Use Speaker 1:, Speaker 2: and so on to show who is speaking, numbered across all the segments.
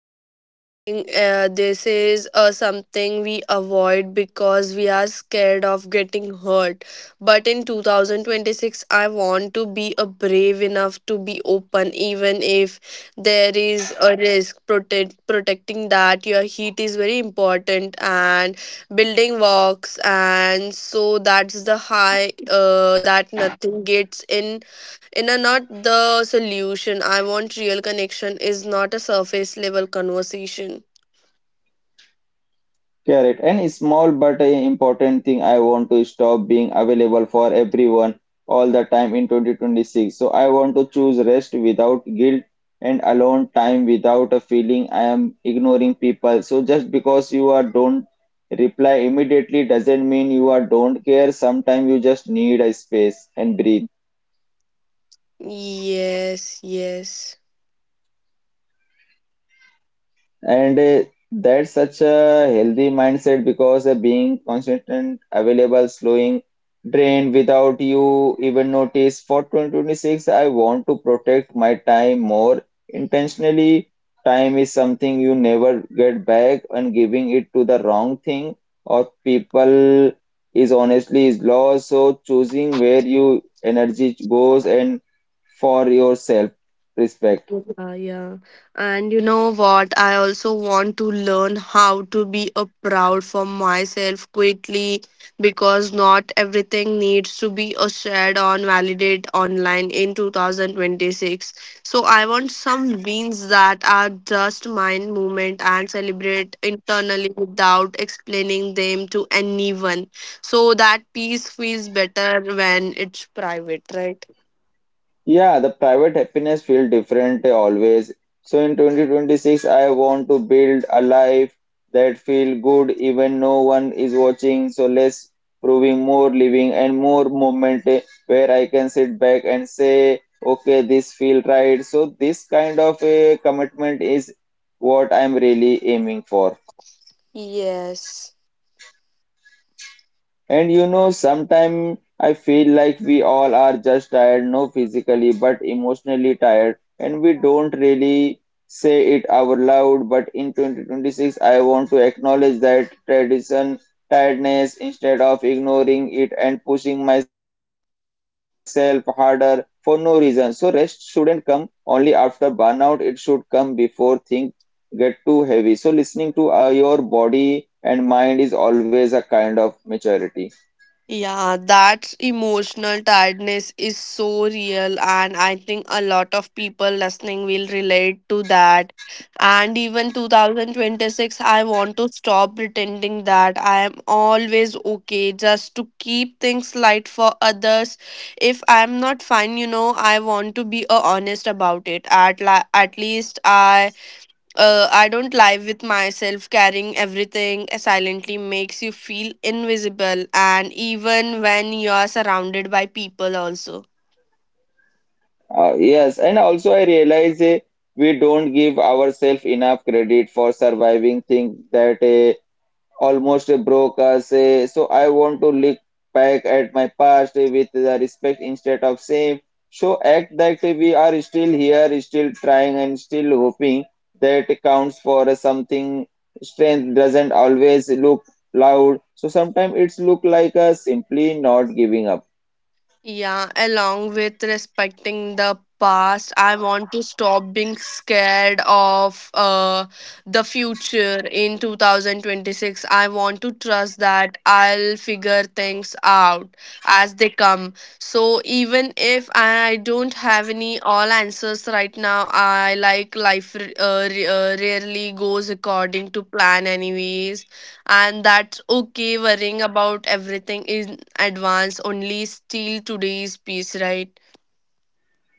Speaker 1: And I think this is something we avoid because we are scared of getting hurt. But in 2026, I want to be a brave enough to be open, even if there is a risk. Protecting that your heat is very important, and building walks, and so that's the high that nothing gets in a not the solution. I want real connection is not a surface level conversation.
Speaker 2: Correct. And small but important thing, I want to stop being available for everyone all the time in 2026. So I want to choose rest without guilt and alone time without a feeling I am ignoring people. So just because you are don't reply immediately doesn't mean you are don't care. Sometimes you just need a space and breathe.
Speaker 1: Yes, yes.
Speaker 2: And That's such a healthy mindset because being constant, available, slowing, drained without you even notice. For 2026, I want to protect my time more intentionally. Time is something you never get back, and giving it to the wrong thing or people is honestly is lost. So choosing where your energy goes and for your self respect.
Speaker 1: Yeah, yeah. And you know what? I also want to learn how to be a proud for myself quickly because not everything needs to be a shared on validate online in 2026. So I want some wins that are just mine moment and celebrate internally without explaining them to anyone. So that peace feels better when it's private, right?
Speaker 2: Yeah, the private happiness feel different always. So in 2026, I want to build a life that feel good even no one is watching. So less proving, more living, and more moment where I can sit back and say, okay, this feel right. So this kind of a commitment is what I'm really aiming for.
Speaker 1: Yes.
Speaker 2: And you know, sometimes I feel like we all are just tired, no physically, but emotionally tired, and we don't really say it out loud. But in 2026, I want to acknowledge that tradition tiredness instead of ignoring it and pushing myself harder for no reason. So, rest shouldn't come only after burnout, it should come before things get too heavy. So, listening to your body and mind is always a kind of maturity.
Speaker 1: Yeah, that emotional tiredness is so real, and I think a lot of people listening will relate to that. And even 2026, I want to stop pretending that I am always okay just to keep things light for others. If I'm not fine, you know, I want to be honest about it. At least I don't lie with myself. Carrying everything silently makes you feel invisible, and even when you are surrounded by people, also.
Speaker 2: Yes, and also I realize we don't give ourselves enough credit for surviving things that almost broke us. Eh. So I want to look back at my past with the respect instead of shame. So act that we are still here, still trying, and still hoping that counts for something. Strength doesn't always look loud. So sometimes it's look like a simply not giving up.
Speaker 1: Yeah, along with respecting the past, I want to stop being scared of the future in 2026. I want to trust that I'll figure things out as they come. So, even if I don't have any all answers right now, I like life rarely goes according to plan, anyways, and that's okay. Worrying about everything in advance only steal today's peace, right?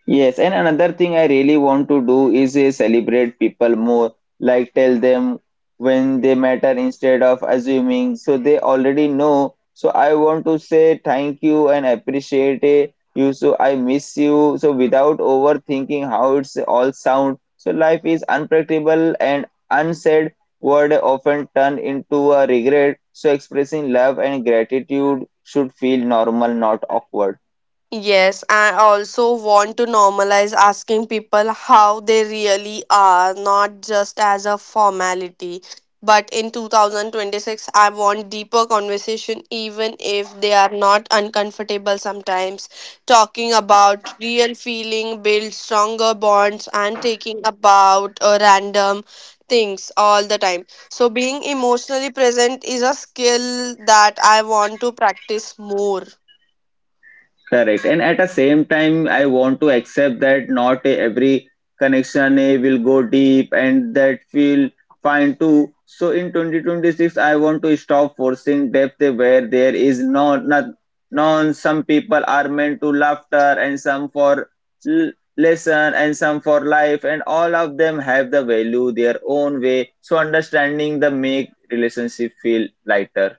Speaker 2: Yes, and another thing I really want to do is celebrate people more, like tell them when they matter instead of assuming. So they already know. So I want to say thank you and appreciate you. So I miss you. So without overthinking how it's all sound. So life is unpredictable and unsaid word often turn into a regret. So expressing love and gratitude should feel normal, not awkward.
Speaker 1: Yes, I also want to normalize asking people how they really are, not just as a formality. But in 2026, I want deeper conversation, even if they are not uncomfortable sometimes. Talking about real feeling, build stronger bonds, and taking about random things all the time. So, being emotionally present is a skill that I want to practice more.
Speaker 2: Correct. And at the same time, I want to accept that not every connection will go deep and that feel fine too. So in 2026, I want to stop forcing depth where there is no, not, none. Some people are meant to laughter and some for l- lesson and some for life and all of them have the value their own way. So understanding the make relationship feel lighter.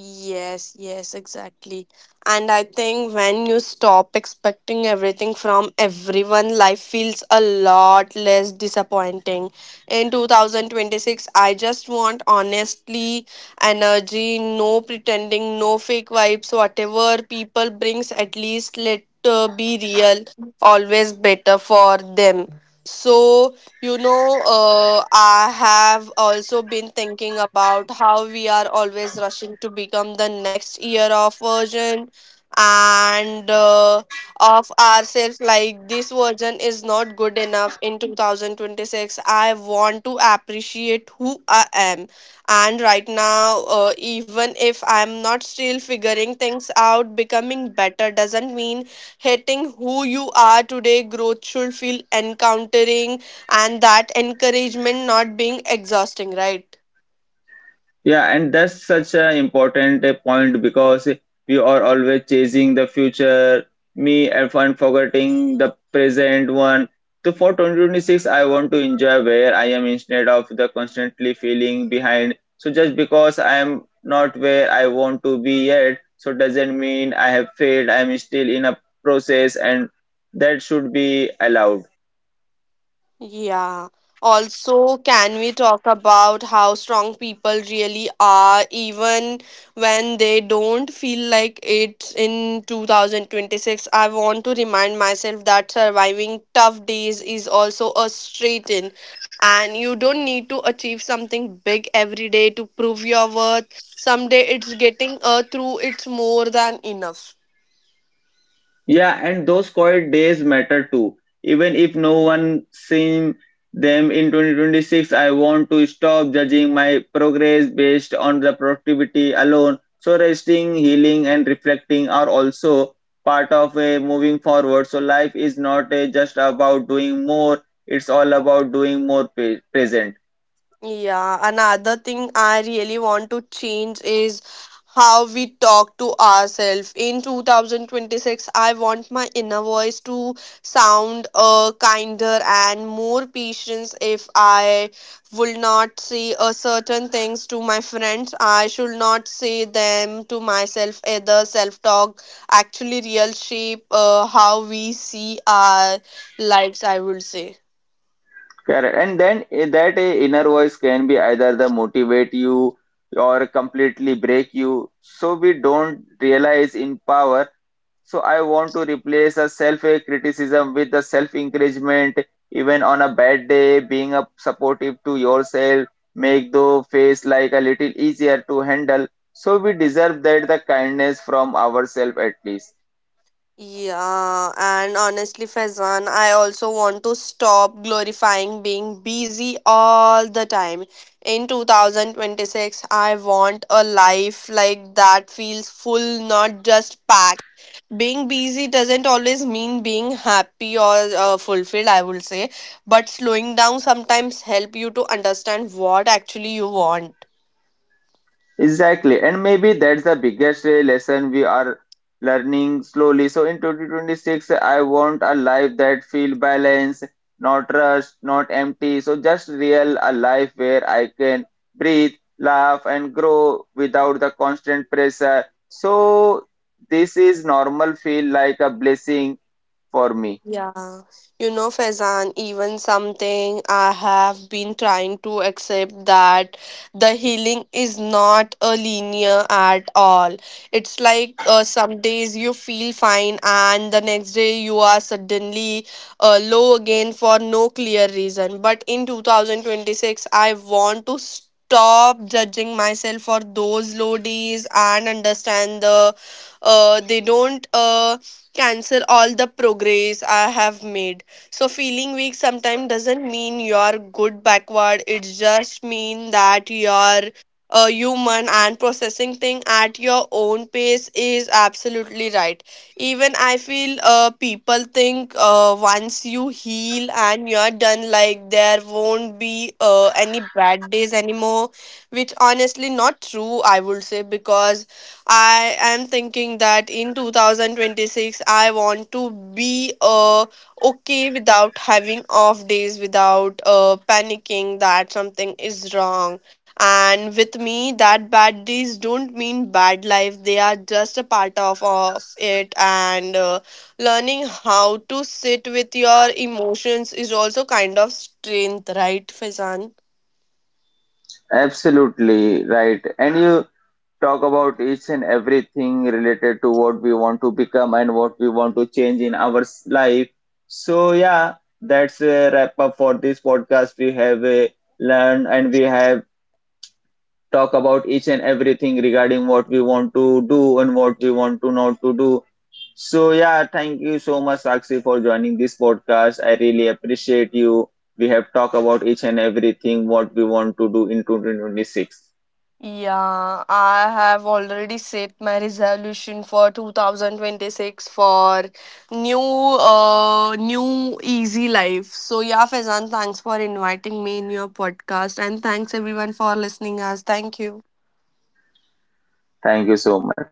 Speaker 1: Yes, yes, exactly. And I think when you stop expecting everything from everyone, life feels a lot less disappointing. In 2026, I just want honestly energy, no pretending, no fake vibes, whatever people brings, at least let be real, always better for them. So you know, I have also been thinking about how we are always rushing to become the next year of version and of ourselves. Like, this version is not good enough in 2026. I want to appreciate who I am. And right now, even if I'm not still figuring things out, becoming better doesn't mean hating who you are today. Growth should feel encountering and that encouragement not being exhausting, right?
Speaker 2: Yeah, and that's such an important point because we are always chasing the future. Me and fun forgetting the present one. So for 2026, I want to enjoy where I am instead of the constantly feeling behind. So just because I am not where I want to be yet, so doesn't mean I have failed. I am still in a process, and that should be allowed.
Speaker 1: Yeah. Also, can we talk about how strong people really are, even when they don't feel like it in 2026? I want to remind myself that surviving tough days is also a straight in, and you don't need to achieve something big every day to prove your worth. Someday, it's getting through, it's more than enough.
Speaker 2: Yeah, and those quiet days matter too. Even if no one sees them in 2026, I want to stop judging my progress based on the productivity alone. So resting, healing, and reflecting are also part of a moving forward. So life is not a, just about doing more; it's all about doing more present.
Speaker 1: Yeah, another thing I really want to change is how we talk to ourselves. In 2026, I want my inner voice to sound kinder and more patience. If I will not say certain things to my friends, I should not say them to myself. Either self talk actually real shape how we see our lives, I would say.
Speaker 2: Correct. And then that inner voice can be either the motivate you or completely break you. So we don't realize in power. So I want to replace a self criticism with a self encouragement. Even on a bad day, being a supportive to yourself, make the face like a little easier to handle. So we deserve that the kindness from ourselves at least.
Speaker 1: Yeah, and honestly, Faizan, I also want to stop glorifying being busy all the time. In 2026, I want a life like that feels full, not just packed. Being busy doesn't always mean being happy or fulfilled, I would say, but slowing down sometimes help you to understand what actually you want.
Speaker 2: Exactly. And maybe that's the biggest lesson we are learning slowly. So in 2026, I want a life that feel balanced, not rushed, not empty. So just real, a life where I can breathe, laugh, and grow without the constant pressure. So this is normal feel like a blessing for me.
Speaker 1: Yeah, you know, Faizan, even something I have been trying to accept that the healing is not a linear at all. It's like some days you feel fine, and the next day you are suddenly low again for no clear reason. But in 2026, I want to stop judging myself for those low days and understand the they don't. Cancel all the progress I have made. So feeling weak sometimes doesn't mean you're good backward. It just mean that you're a human and processing thing at your own pace is absolutely right. Even I feel people think once you heal and you're done, like there won't be any bad days anymore, which honestly not true. I would say because I am thinking that in 2026 I want to be okay without having off days, without panicking that something is wrong and with me, that bad days don't mean bad life. They are just a part of it, and learning how to sit with your emotions is also kind of strength, right, Fazan?
Speaker 2: Absolutely right. And you talk about each and everything related to what we want to become and what we want to change in our life. So yeah, that's a wrap up for this podcast. We have learned and we have talked about each and everything regarding what we want to do and what we want to not to do. So yeah, thank you so much, Sakshi, for joining this podcast. I really appreciate you. We have talked about each and everything what we want to do in 2026.
Speaker 1: Yeah, I have already set my resolution for 2026 for new new easy life. So yeah, Faizan, thanks for inviting me in your podcast and thanks everyone for listening us. Thank you.
Speaker 2: Thank you so much.